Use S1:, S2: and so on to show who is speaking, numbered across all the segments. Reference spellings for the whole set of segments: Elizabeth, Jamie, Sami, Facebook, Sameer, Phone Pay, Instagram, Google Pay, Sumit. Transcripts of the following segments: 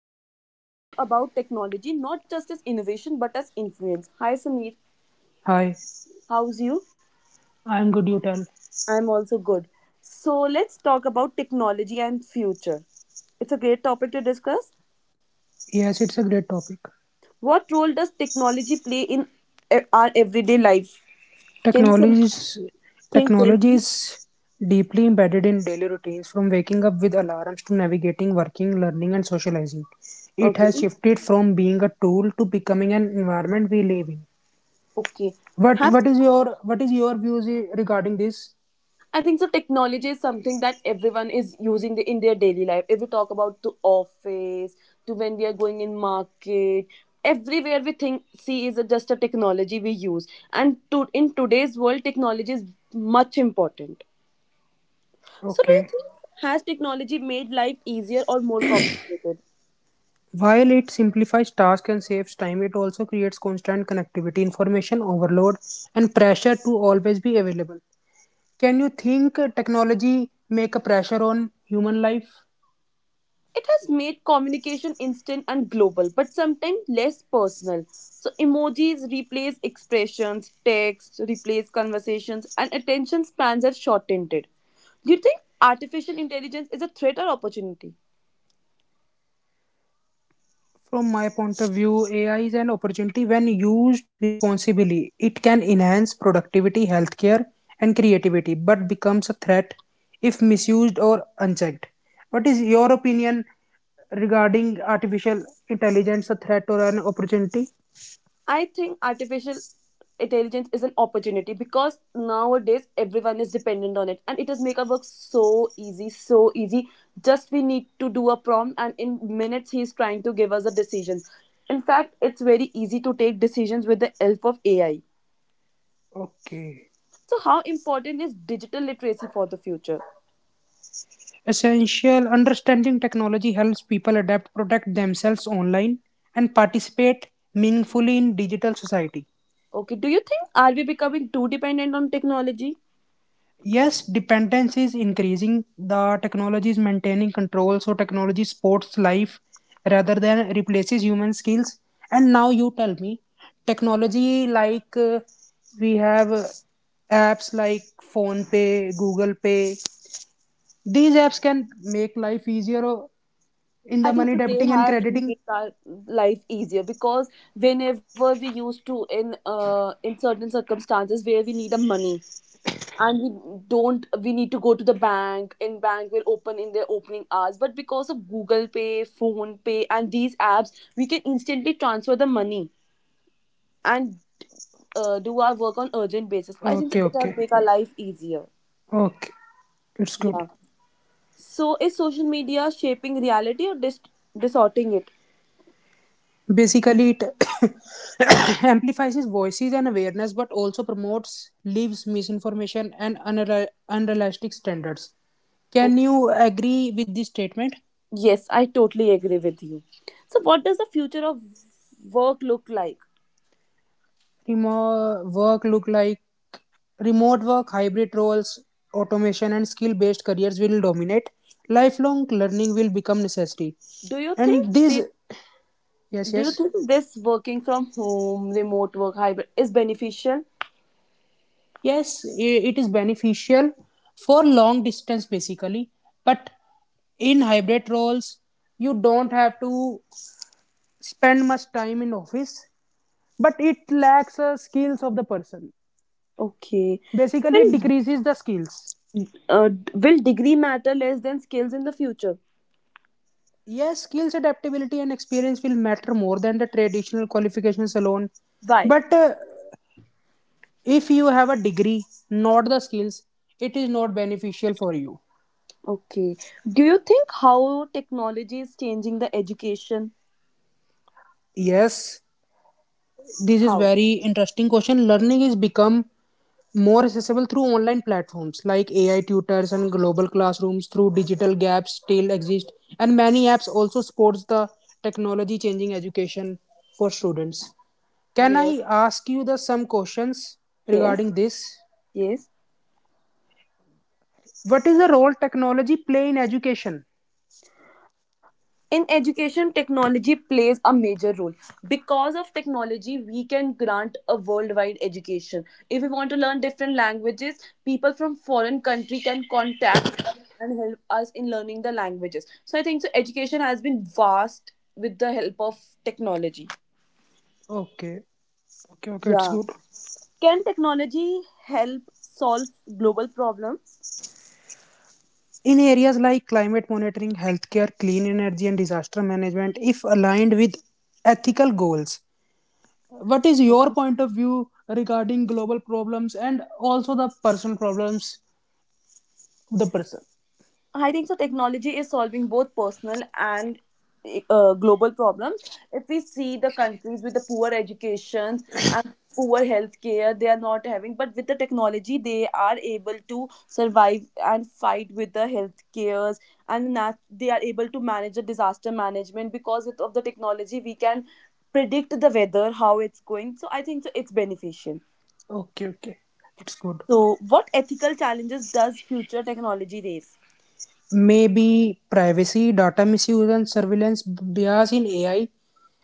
S1: space where we talk about technology not just as innovation but as influence. Hi, Sameer.
S2: Hi.
S1: How's you?
S2: I'm good, you tell.
S1: I'm also good. So, let's talk about technology and future. It's a great topic to discuss.
S2: Yes, it's a great topic.
S1: What role does technology play in our everyday life? Can you
S2: Technology
S1: something
S2: is
S1: tell
S2: technology
S1: me?
S2: is deeply embedded in daily routines from waking up with alarms to navigating working, learning and socializing. It
S1: Okay.
S2: has shifted from being a tool to becoming an environment we live in.
S1: Okay.
S2: What
S1: Have
S2: what is your what is your views regarding this?
S1: I think so. Technology is something that everyone is using in their daily life. If we talk about to office, to when we are going in market, everywhere we think see is just a technology we use. And to in today's world, technology is much important. So, do you
S2: Okay.
S1: think has technology made life easier or more complicated?
S2: While it simplifies tasks and saves time, it also creates constant connectivity, information overload, and pressure to always be available. Can you think technology make a pressure on human life?
S1: It has made communication instant and global, but sometimes less personal. So emojis replace expressions, text replace conversations, and attention spans are shortened. Do you think artificial intelligence is a threat or opportunity?
S2: From my point of view, AI is an opportunity when used responsibly. It can enhance productivity, healthcare, and creativity, but becomes a threat if misused or unchecked. What is your opinion regarding artificial intelligence, a threat or an opportunity?
S1: I think artificial intelligence is an opportunity because nowadays everyone is dependent on it, and it has make our work so easy so easy. Just we need to do a prompt, and in minutes he is trying to give us the decisions. In fact, it's very easy to take decisions with the help of AI.
S2: Okay.
S1: So how important is digital literacy for the future?
S2: Essential understanding technology helps people adapt, protect themselves online, and participate meaningfully in digital society.
S1: Okay. Do you think are we becoming too dependent on technology?
S2: Yes, dependence is increasing. The technology is maintaining control, so technology supports life rather than replaces human skills. And now you tell me, technology like we have apps like phone pay google pay these apps can make life easier in
S1: I
S2: the
S1: think
S2: money
S1: so they
S2: debiting and
S1: have
S2: crediting.
S1: made our life easier because whenever we used to in certain circumstances where we need a money, and we don't we need to go to the bank, and bank will open in their opening hours, but because of Google Pay, Phone Pay and these apps we can instantly transfer the money and do our work on urgent basis. I think so
S2: Okay,
S1: it has
S2: okay,
S1: made our life easier.
S2: okay. It's
S1: Yeah.
S2: good.
S1: So is social media shaping reality or distorting it?
S2: Basically, it amplifies his voices and awareness, but also promotes, leaves misinformation and unrealistic standards. Can you agree with this statement?
S1: Yes, I totally agree with you. So, what does the future of work look like?
S2: Remote work look like, remote work, hybrid roles, automation, and skill-based careers will dominate. Lifelong learning will become necessary,
S1: Do you think
S2: and these
S1: this,
S2: yes,
S1: do you
S2: yes.
S1: think this working from home, remote work, hybrid is beneficial?
S2: Yes, it is beneficial for long distance basically, but in hybrid roles, you don't have to spend much time in office, but it lacks skills of the person.
S1: Okay. So,
S2: Basically, it
S1: will
S2: decreases the skills.
S1: uh, will degree matter less than skills in the future?
S2: Yes, skills, adaptability, and experience will matter more than the traditional qualifications alone.
S1: Why?
S2: But if you have a degree, not the skills, it is not beneficial for you.
S1: Okay. Do you think how technology is changing the education?
S2: Yes, this is
S1: How?
S2: very interesting question. Learning is become more accessible through online platforms like AI tutors and global classrooms through digital gaps still exist and many apps also supports the technology changing education for students. Can
S1: Yes.
S2: I ask you the some questions
S1: Yes.
S2: regarding this?
S1: Yes.
S2: What is the role technology play in education?
S1: In education, technology plays a major role. Because of technology we can grant a worldwide education. If we want to learn different languages, people from foreign country can contact us and help us in learning the languages. So I think so education has been vast with the help of technology.
S2: Okay. Okay, okay,
S1: Yeah.
S2: it's good.
S1: Can technology help solve global problems?
S2: In areas like climate monitoring, healthcare, clean energy, and disaster management, if aligned with ethical goals. What is your point of view regarding global problems and also the personal problems? The person.
S1: I think so. Technology is solving both personal and global problems. If we see the countries with the poor educations and poor healthcare, they are not having. But with the technology, they are able to survive and fight with the healthcares, and they are able to manage the disaster management because of the technology, we can predict the weather, how it's going. So I think so. It's beneficial.
S2: Okay, okay. It's good.
S1: So, what ethical challenges does future technology raise?
S2: Maybe privacy, data misuse, and surveillance bias in AI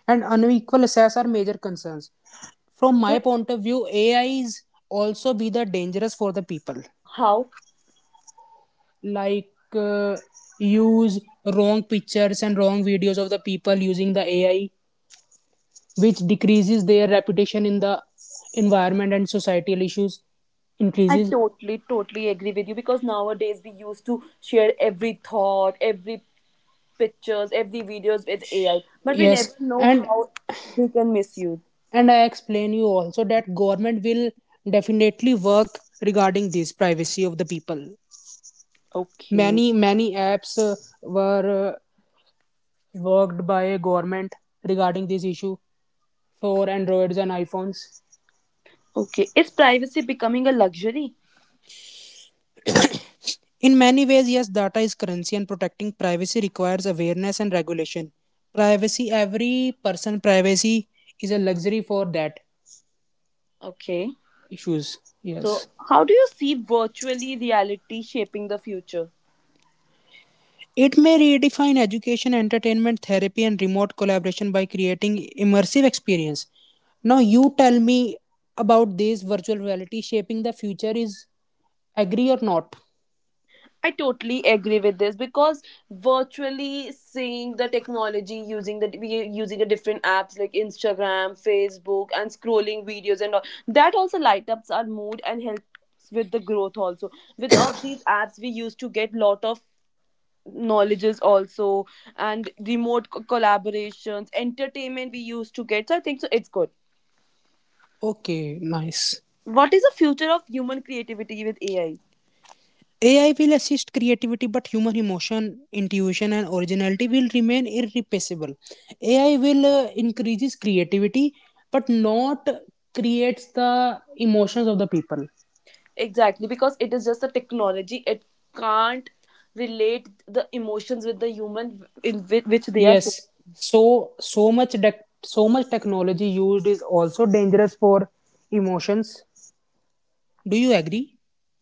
S2: and unequal access are major concerns. From my
S1: The-
S2: point of view, AI is also be the dangerous for the people.
S1: How?
S2: Like use wrong pictures and wrong videos of the people using the AI, which decreases their reputation in the environment and societal issues
S1: I
S2: increases.
S1: totally, totally agree with you because nowadays we used to share every thought, every pictures, every videos with AI, but we never
S2: Yes,
S1: know
S2: and
S1: how they can misuse.
S2: and I explain you also that government will definitely work regarding this privacy of the people.
S1: Okay.
S2: Many apps were worked by government regarding this issue for androids and iPhones.
S1: Okay. Is privacy becoming a luxury?
S2: In many ways, yes, data is currency and protecting privacy requires awareness and regulation. Privacy, every person privacy is a luxury for that
S1: Okay.
S2: issues.
S1: So,
S2: Yes.
S1: how do you see virtually reality shaping the future?
S2: It may redefine education, entertainment, therapy and remote collaboration by creating immersive experience. Now you tell me about this virtual reality shaping the future is agree or not?
S1: I totally agree with this because virtually seeing the technology using the different apps like Instagram, Facebook, and scrolling videos and all that also light ups our mood and helps with the growth also. With all these apps, we used to get lot of knowledges also, and remote collaborations, entertainment we used to get. So I think so it's good.
S2: Okay, nice.
S1: What is the future of human creativity with AI?
S2: AI will assist creativity, but human emotion, intuition, and originality will remain irreplaceable. AI will increases creativity, but not creates the emotions of the people.
S1: Exactly, because it is just a technology. It can't relate the emotions with the human in which they are feeling.
S2: Yes, so much technology used is also dangerous for emotions. Do you agree?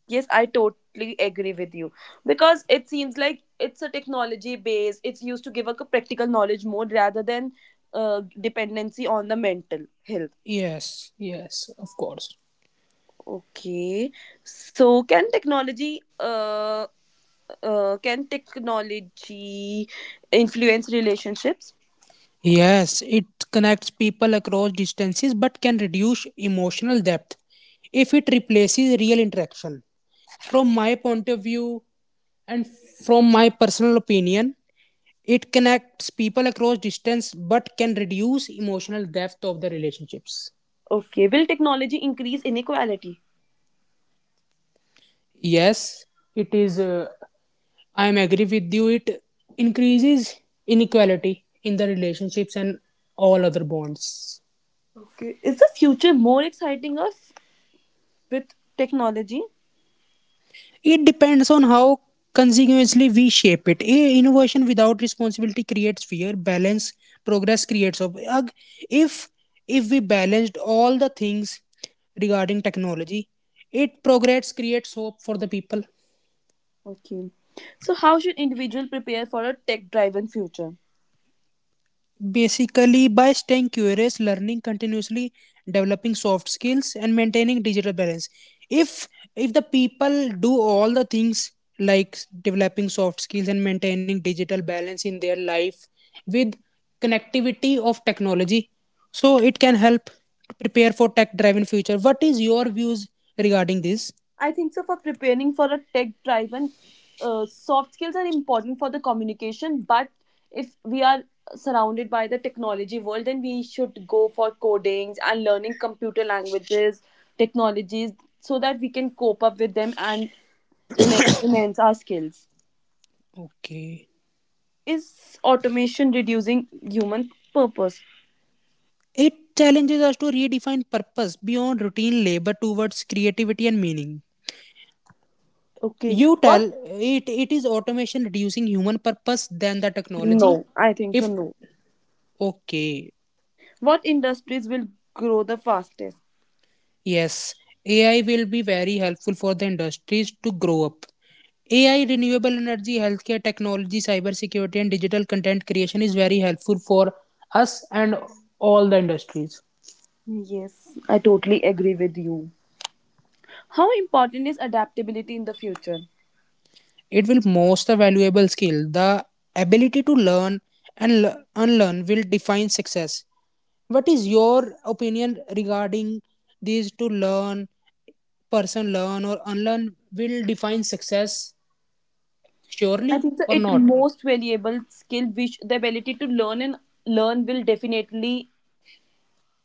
S1: Yes, I totally agree with you because it seems like it's a technology based. It's used to give a practical knowledge more rather than dependency on the mental health.
S2: Yes, yes, of course.
S1: Okay, so can technology influence relationships?
S2: Yes, it connects people across distances but can reduce emotional depth if it replaces real interaction. From my point of view and from my personal opinion, it connects people across distance but can reduce emotional depth of the relationships.
S1: Okay, will technology increase inequality?
S2: Yes, it is. I am agree with you. It increases inequality in the relationships and all other bonds.
S1: Okay. Is the future more exciting or with technology?
S2: It depends on how consequently we shape it. A innovation without responsibility creates fear. Balance progress creates hope. If if we balanced all the things regarding technology, it progress creates hope for the people.
S1: Okay. So how should individual prepare for a tech-driven future?
S2: Basically, by staying curious, learning continuously, developing soft skills, and maintaining digital balance. If if the people do all the things like developing soft skills and maintaining digital balance in their life with connectivity of technology, so it can help to prepare for tech-driven future. What is your views regarding this?
S1: I think so for preparing for a tech-driven soft skills are important for the communication, but if we are surrounded by the technology world, then we should go for codings and learning computer languages, technologies, so that we can cope up with them and enhance our skills.
S2: Okay.
S1: Is automation reducing human purpose?
S2: It challenges us to redefine purpose beyond routine labor towards creativity and meaning.
S1: Okay.
S2: You tell
S1: What?
S2: it is automation reducing human purpose than the technology.
S1: No, I think so.
S2: If
S1: No.
S2: okay,
S1: What industries will grow the fastest?
S2: yes, AI will be very helpful for the industries to grow up. AI, renewable energy, healthcare technology, cybersecurity, and digital content creation is very helpful for us and all the industries.
S1: I totally agree with you. How important is adaptability in the future?
S2: It will most a valuable skill. The ability to learn and unlearn will define success. What is your opinion regarding these to learn, person learn or unlearn will define success
S1: I
S2: surely
S1: think the
S2: or
S1: it
S2: not?
S1: most valuable skill, which the ability to learn and learn will definitely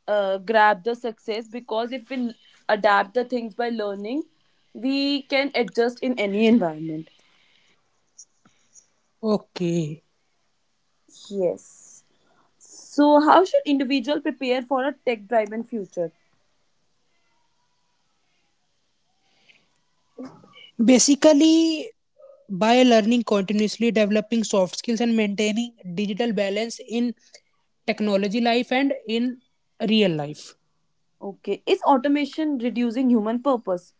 S1: grab the success, because if we adapt the things by learning, we can adjust in any environment.
S2: Okay.
S1: Yes. So, how should individual prepare for a tech-driven future?
S2: Basically, by learning continuously, developing soft skills, and maintaining digital balance in technology life and in real life.
S1: Okay. Is automation reducing human purpose?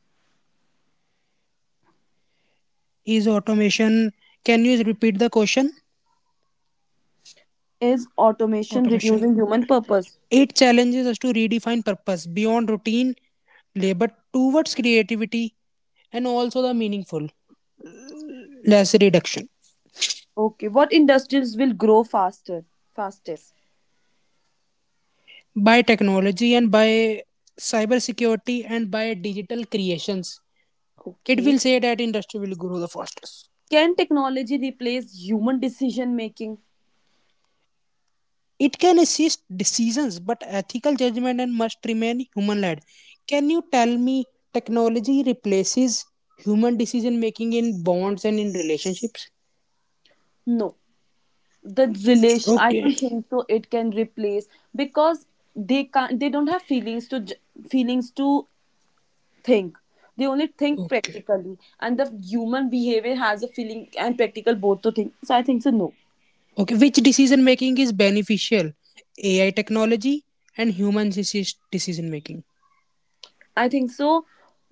S2: Is automation. Can you repeat the question?
S1: Is automation
S2: Automation.
S1: reducing human purpose?
S2: It challenges us to redefine purpose beyond routine labor towards creativity and also the meaningful less reduction
S1: Okay. What industries will grow faster? Fastest.
S2: by technology and by cybersecurity and by digital creations. It
S1: Okay.
S2: will say that industry will grow the fastest.
S1: Can technology replace human decision making?
S2: It can assist decisions, but ethical judgment and must remain human led. Can you tell me technology replaces human decision making in bonds and in relationships?
S1: No. The relation I
S2: Okay.
S1: don't think so it can replace, because they can't, they don't have feelings to feelings to think. They only think
S2: Okay.
S1: practically, and the human behavior has a feeling and practical both to think. So I think so no.
S2: Okay. Which decision making is beneficial? AI technology and human assist decision making.
S1: I think so.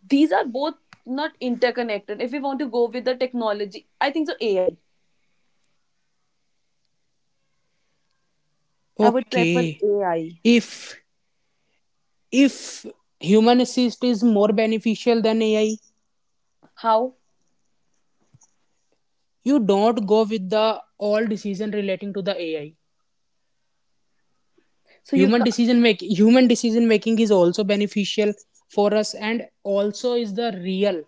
S1: These are both not interconnected. If we want to go with the technology, I think so. AI. I would prefer
S2: Okay.
S1: AI.
S2: If if human assist is more beneficial than AI,
S1: How?
S2: you don't go with the all decision relating to the AI.
S1: So you
S2: Human
S1: ca-
S2: decision making. Human decision making is also beneficial for us and also is the real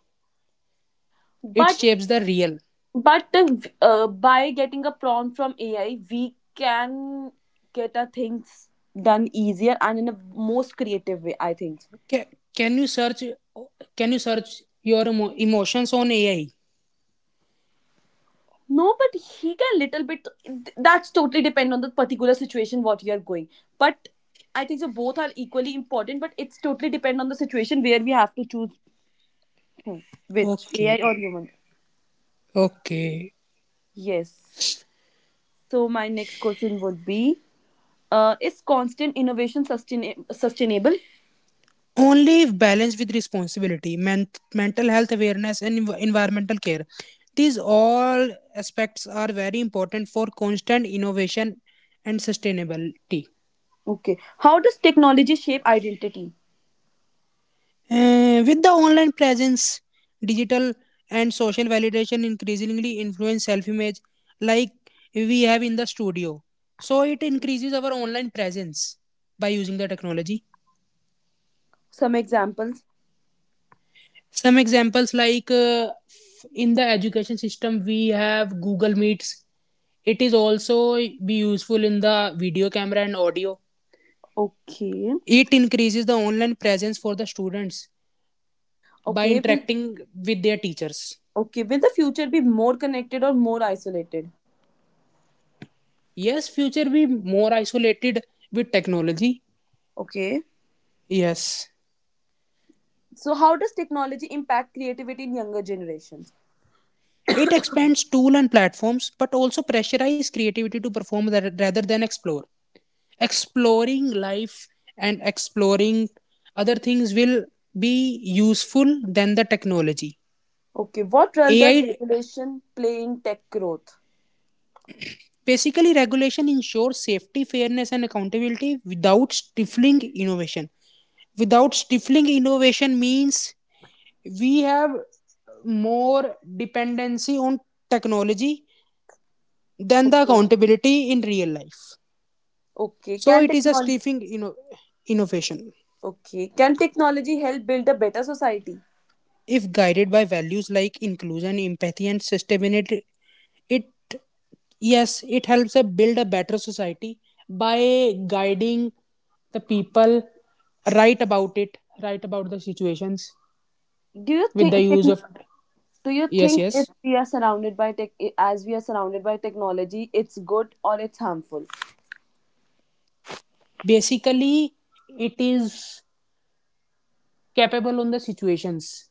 S2: it
S1: but
S2: shapes the real.
S1: but by getting a prompt from AI, we can get our things done easier and in a most creative way, I think.
S2: Ca- can you search can you search your emotions on ai?
S1: No, but he can little bit. That's totally depend on the particular situation what you are going. But I think so both are equally important. But it's totally depend on the situation where we have to choose. Hmm. Which
S2: Okay,
S1: AI or human?
S2: okay,
S1: Yes. So my next question would be: is constant innovation sustainable?
S2: only if balanced with responsibility mental health awareness and environmental care, these all aspects are very important for constant innovation and sustainability.
S1: Okay. How does technology shape identity?
S2: With the online presence, digital and social validation increasingly influence self image, like we have in the studio. So, it increases our online presence by using the technology.
S1: Some examples.
S2: Some examples, like in the education system, we have Google Meets. It is also be useful in the video camera and audio.
S1: Okay.
S2: It increases the online presence for the students by
S1: Okay.
S2: interacting with their teachers.
S1: Okay. Will the future be more connected or more isolated?
S2: Yes, future be more isolated with technology.
S1: Okay.
S2: Yes.
S1: So how does technology impact creativity in younger generations?
S2: It expands tool and platforms, but also pressurize creativity to perform rather than explore. Exploring life and exploring other things will be useful than the technology.
S1: Okay. What role
S2: AI
S1: does regulation play in tech growth?
S2: basically regulation ensures safety, fairness, and accountability without stifling innovation. Without stifling innovation means we have more dependency on technology than the
S1: Okay.
S2: accountability in real life.
S1: Okay.
S2: So
S1: Can
S2: it is a
S1: technology?
S2: stifling innovation.
S1: Okay. Can technology help build a better society?
S2: If guided by values like inclusion, empathy, and sustainability, it yes, it helps us build a better society by guiding the people right about it, right about the situations
S1: Do you
S2: with the
S1: think tech,
S2: use of
S1: do you
S2: yes,
S1: think if
S2: yes.
S1: we are surrounded by tech, as we are surrounded by technology, it's good or it's harmful?
S2: Basically, it is capable on the situations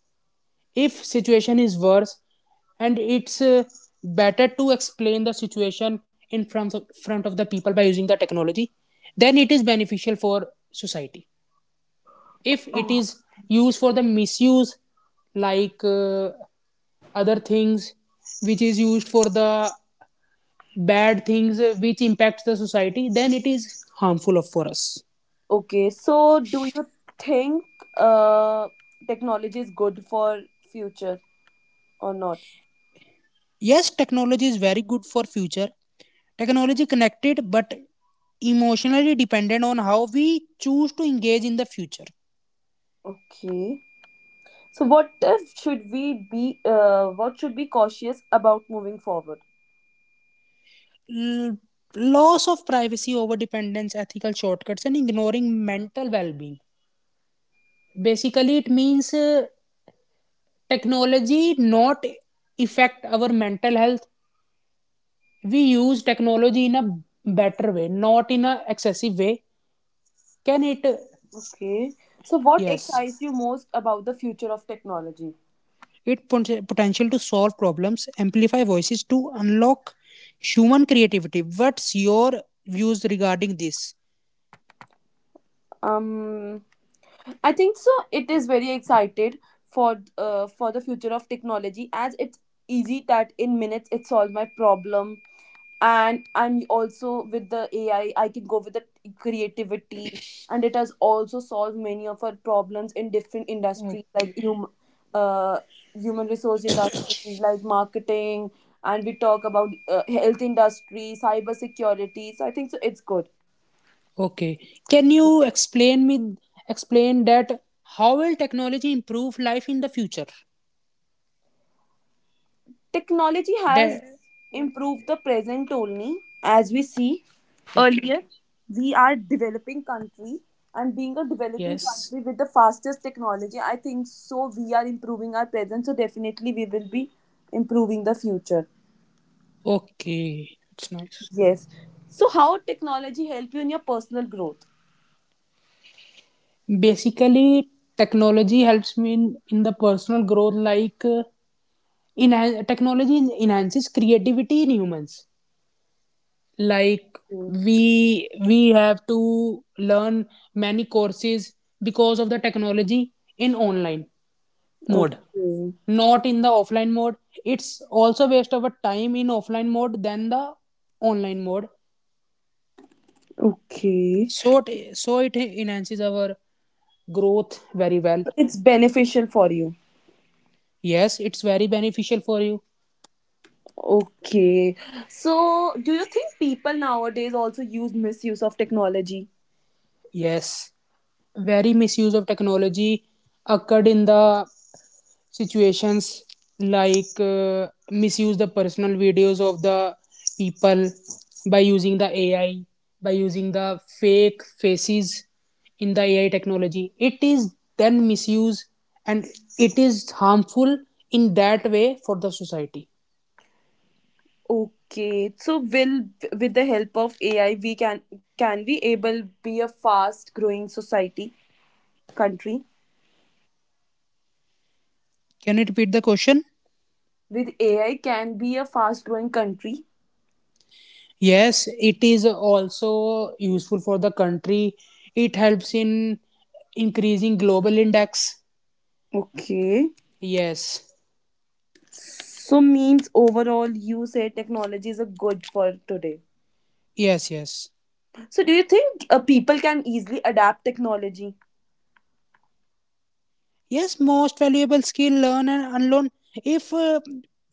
S2: if situation is worse and it's better to explain the situation in front of the people by using the technology, then it is beneficial for society. If it is used for the misuse like other things which is used for the bad things which impacts the society, then it is harmful for us.
S1: Okay, so do you think uh technology is good for future or not?
S2: Yes, technology is very good for future. Technology connected but emotionally dependent on how we choose to engage in the future.
S1: Okay. So what should we be, what should be cautious about moving forward?
S2: L- Loss of privacy over dependence ethical shortcuts and ignoring mental well-being, basically it means technology not affect our mental health. We use technology in a better way not in a excessive way. Can it
S1: Okay. So what excites
S2: yes,
S1: you most about the future of technology?
S2: its potential to solve problems, amplify voices, to unlock human creativity. What's your views regarding this?
S1: Um, I think so. It is very excited for for the future of technology as it's easy that in minutes it solves my problem, and I'm also with the AI, I can go with the creativity, and it has also solved many of our problems in different industries
S2: Okay.
S1: like uh, human resource industries like marketing, and we talk about health industry, cyber security. So I think so it's good.
S2: Okay. Can you explain that how will technology improve life in the future?
S1: Technology has
S2: That,
S1: improved the present only, as we see
S2: okay.
S1: earlier we are developing country, and being a developing
S2: Yes.
S1: country with the fastest technology I think so we are improving our present, so definitely we will be improving the future.
S2: Okay. It's nice.
S1: Yes. So how technology help you in your personal growth?
S2: Basically, technology helps me in the personal growth like technology enhances creativity in humans like
S1: Mm,
S2: we have to learn many courses because of the technology in online mode,
S1: okay.
S2: not in the offline mode. It's also waste of a time in offline mode than the online mode.
S1: Okay,
S2: So it enhances our growth very well.
S1: it's beneficial for you.
S2: Yes, it's very beneficial for you.
S1: Okay, so do you think people nowadays also use misuse of technology?
S2: Yes, very misuse of technology occurred in the situations like misuse the personal videos of the people by using the AI, by using the fake faces in the AI technology. It is then misuse and it is harmful in that way for the society.
S1: Okay, so will with the help of AI we can we able be a fast growing society country?
S2: Can you repeat the question?
S1: With AI can be a fast growing country.
S2: Yes, it is also useful for the country. It helps in increasing global index.
S1: Okay.
S2: Yes,
S1: So means overall you say technology is a good for today.
S2: yes, yes.
S1: So do you think people can easily adapt technology?
S2: Yes, most valuable skill learn and unlearn. If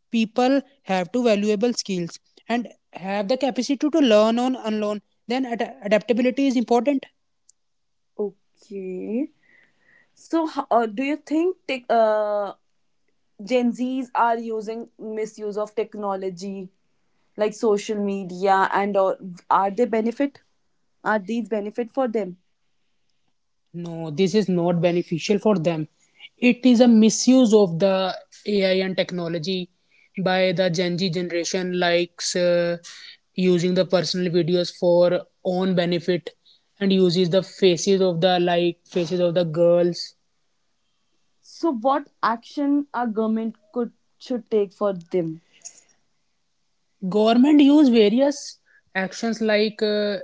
S2: people have two valuable skills and have the capacity to learn on unlearn, then adaptability is important.
S1: Okay. So do you think Gen Zs are using misuse of technology like social media and all, are they benefit are these benefit for them?
S2: No, this is not beneficial for them. It is a misuse of the AI and technology by the Gen Z generation, likes using the personal videos for own benefit and uses the faces of the like faces of the girls.
S1: So what action our government could should take for them?
S2: Government use various actions like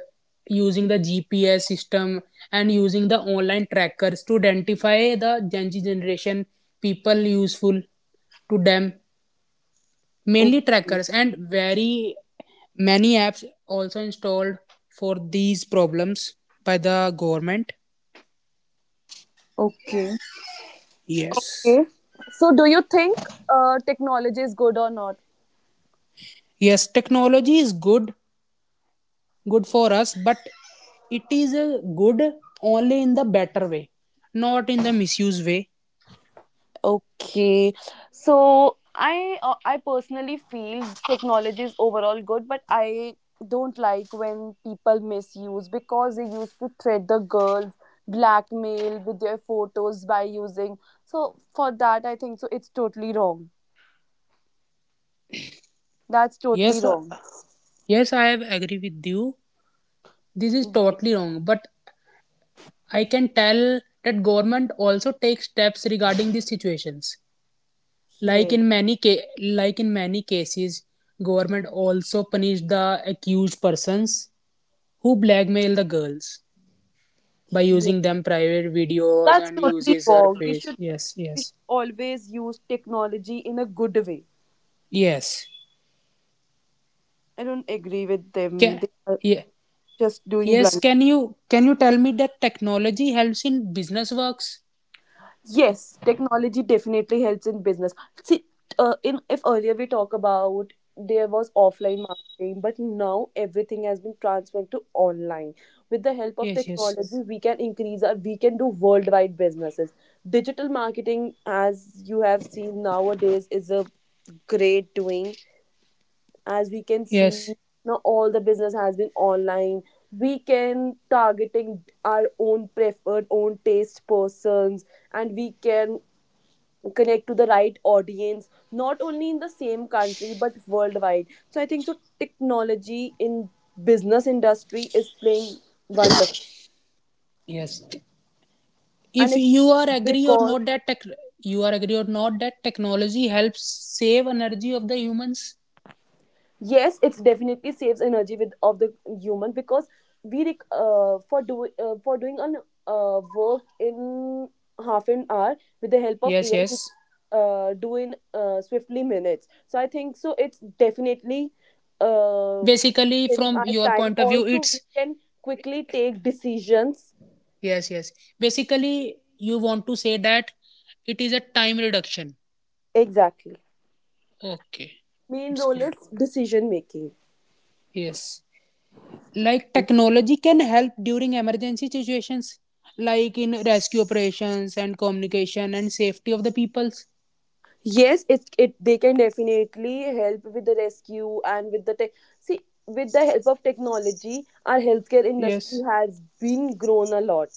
S2: using the GPS system and using the online trackers to identify the Gen Z generation people useful to them, mainly
S1: Okay.
S2: trackers and very many apps also installed for these problems by the government.
S1: Okay.
S2: Yes,
S1: Okay. So, do you think technology is good or not?
S2: yes, technology is good good for us but it is good only in the better way, not in the misuse way.
S1: Okay, so I personally feel technology is overall good, but I don't like when people misuse, because they used to threat the girls, blackmail with their photos by using. So for that, I think so it's totally wrong. That's totally
S2: Yes
S1: wrong.
S2: yes, I have agree with you. This is
S1: Yeah,
S2: totally wrong but I can tell that government also takes steps regarding these situations. Like
S1: yeah,
S2: in many cases, government also punished the accused persons who blackmail the girls by
S1: yeah.
S2: using them private videos
S1: That's
S2: and
S1: totally
S2: uses her
S1: wrong. We
S2: face.
S1: should
S2: Yes,
S1: we
S2: yes,
S1: should always use technology in a good way.
S2: yes.
S1: I don't agree with
S2: Can,
S1: them. They are
S2: yeah,
S1: just doing
S2: yes.
S1: blunder.
S2: Can you tell me that technology helps in business works?
S1: Yes, technology definitely helps in business. See, in if earlier we talk about there was offline marketing, but now everything has been transferred to online. With the help of
S2: Yes, yes,
S1: technology, we can do worldwide businesses. Digital marketing, as you have seen nowadays, is a great doing. As we can see
S2: yes,
S1: now, all the business has been online. We can targeting our own preferred, own taste persons and we can connect to the right audience not only in the same country but worldwide, so I think so technology in business industry is playing wonderful
S2: yes.
S1: and
S2: If
S1: it's
S2: you are agree or
S1: because
S2: not that you are agree or not that technology helps save energy of the humans.
S1: yes, it's definitely saves energy with of the human because for do for doing an work in half an hour with the help of
S2: Yes,
S1: AI we
S2: yes.
S1: do in swiftly minutes, so I think so it's definitely uh,
S2: Basically
S1: saving
S2: from
S1: our
S2: your
S1: time.
S2: point of view
S1: Also, we
S2: it's
S1: can quickly take decisions.
S2: yes yes basically you want to say that it is a time reduction.
S1: Exactly.
S2: Okay,
S1: Main
S2: it's
S1: role is
S2: good.
S1: decision making.
S2: Yes, like technology can help during emergency situations like in rescue operations and communication and safety of the peoples.
S1: Yes, it they can definitely help with the rescue and with the tech. See, with the help of technology, our healthcare industry
S2: Yes.
S1: has been grown a lot,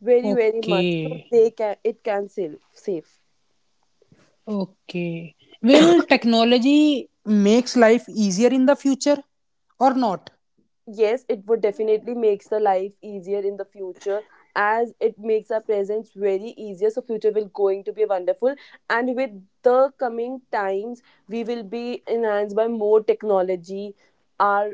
S1: very very much. So
S2: Okay,
S1: they can it can save save.
S2: okay, will technology makes life easier in the future or not?
S1: Yes, it would definitely makes the life easier in the future as it makes our presence very easier, so future will going to be wonderful and with the coming times we will be enhanced by more technology our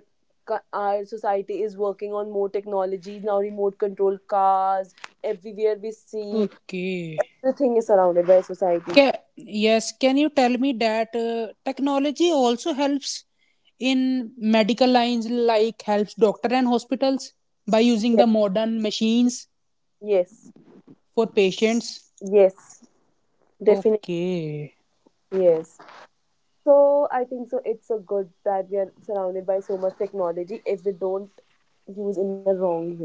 S1: our society is working on more technologies now, remote control cars everywhere we see
S2: Okay.
S1: the thing is surrounded by society.
S2: Ca yes, can you tell me that technology also helps in medical lines, like helps doctor and hospitals by using the
S1: Yes,
S2: modern machines
S1: yes,
S2: for patients?
S1: yes, definitely
S2: Okay,
S1: yes. So I think so it's a good that we are surrounded by so much technology if we don't use in a wrong way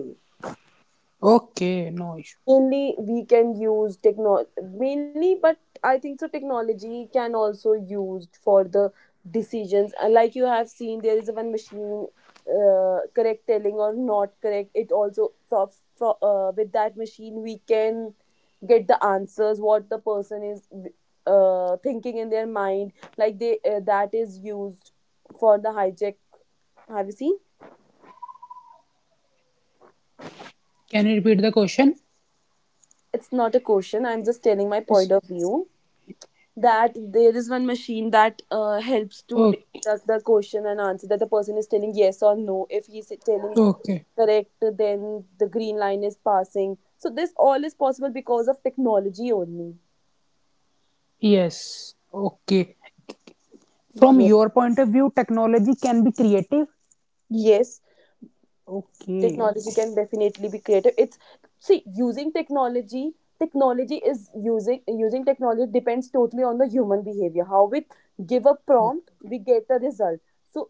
S2: okay, no issue.
S1: mainly we can use techno mainly but I think so technology can also used for the decisions. Like you have seen there is one machine, correct telling or not correct, it also with that machine we can get the answers what the person is thinking in their mind, like they that is used for the hijack. Have you seen?
S2: Can you repeat the question?
S1: It's not a question, I'm just telling my
S2: Yes.
S1: point of view that there is one machine that helps to
S2: Okay,
S1: deduct the question and answer that the person is telling yes or no. If he's telling
S2: okay,
S1: correct, then the green line is passing, so this all is possible because of technology only.
S2: yes, okay. From
S1: Yes.
S2: your point of view, technology can be creative.
S1: Yes,
S2: Okay.
S1: technology can definitely be creative. It's see using technology, technology is using using technology depends totally on the human behavior. How we give a
S2: Okay.
S1: prompt, we get a result. So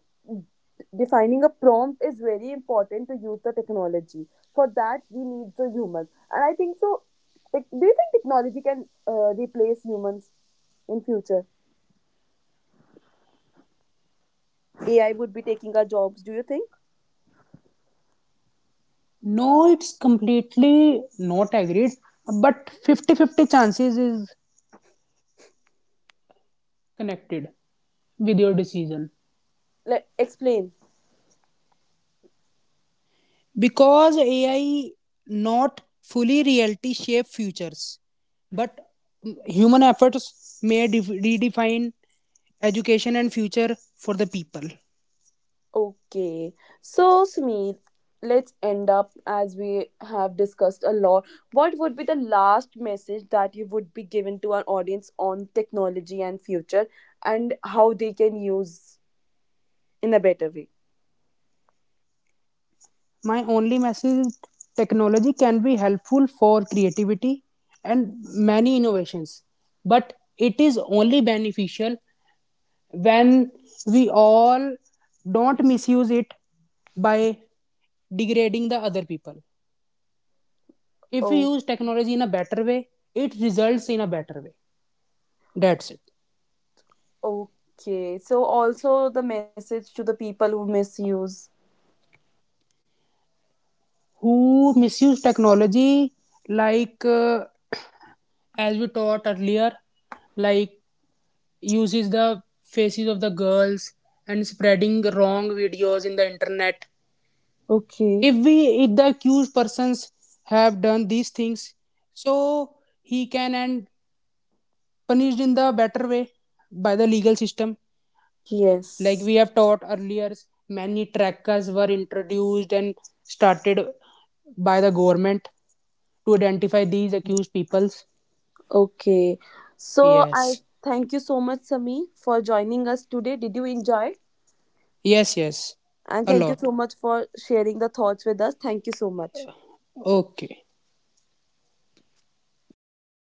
S1: defining a prompt is very important to use the technology. For that we need the humans and I think so do you think technology can replace humans in future? AI would be taking our jobs, do you think?
S2: No, it's completely not agreed, but 50-50 chances is connected with your decision.
S1: Like explain.
S2: Because AI not fully reality shape futures, but human efforts may redefine education and future for the people.
S1: Okay, so Sumit, let's end up as we have discussed a lot. What would be the last message that you would be given to our audience on technology and future and how they can use in a better way?
S2: My only message is technology can be helpful for creativity and many innovations, but it is only beneficial when we all don't misuse it by degrading the other people. If we
S1: Oh,
S2: use technology in a better way, it results in a better way. That's it.
S1: okay. So also the message to the people who misuse.
S2: Who misuse technology, like as we taught earlier, like uses the faces of the girls and spreading wrong videos in the internet.
S1: Okay.
S2: If the accused persons have done these things, so he can end punished in the better way by the legal system like
S1: Yes.
S2: we have taught earlier. Many trackers were introduced and started by the government to identify these accused peoples.
S1: Okay. So I
S2: Yes,
S1: thank you so much, Sami, for joining us today. Did you enjoy?
S2: yes, yes,
S1: And
S2: a
S1: thank you
S2: lot.
S1: so much for sharing the thoughts with us. Thank you so much.
S2: Okay.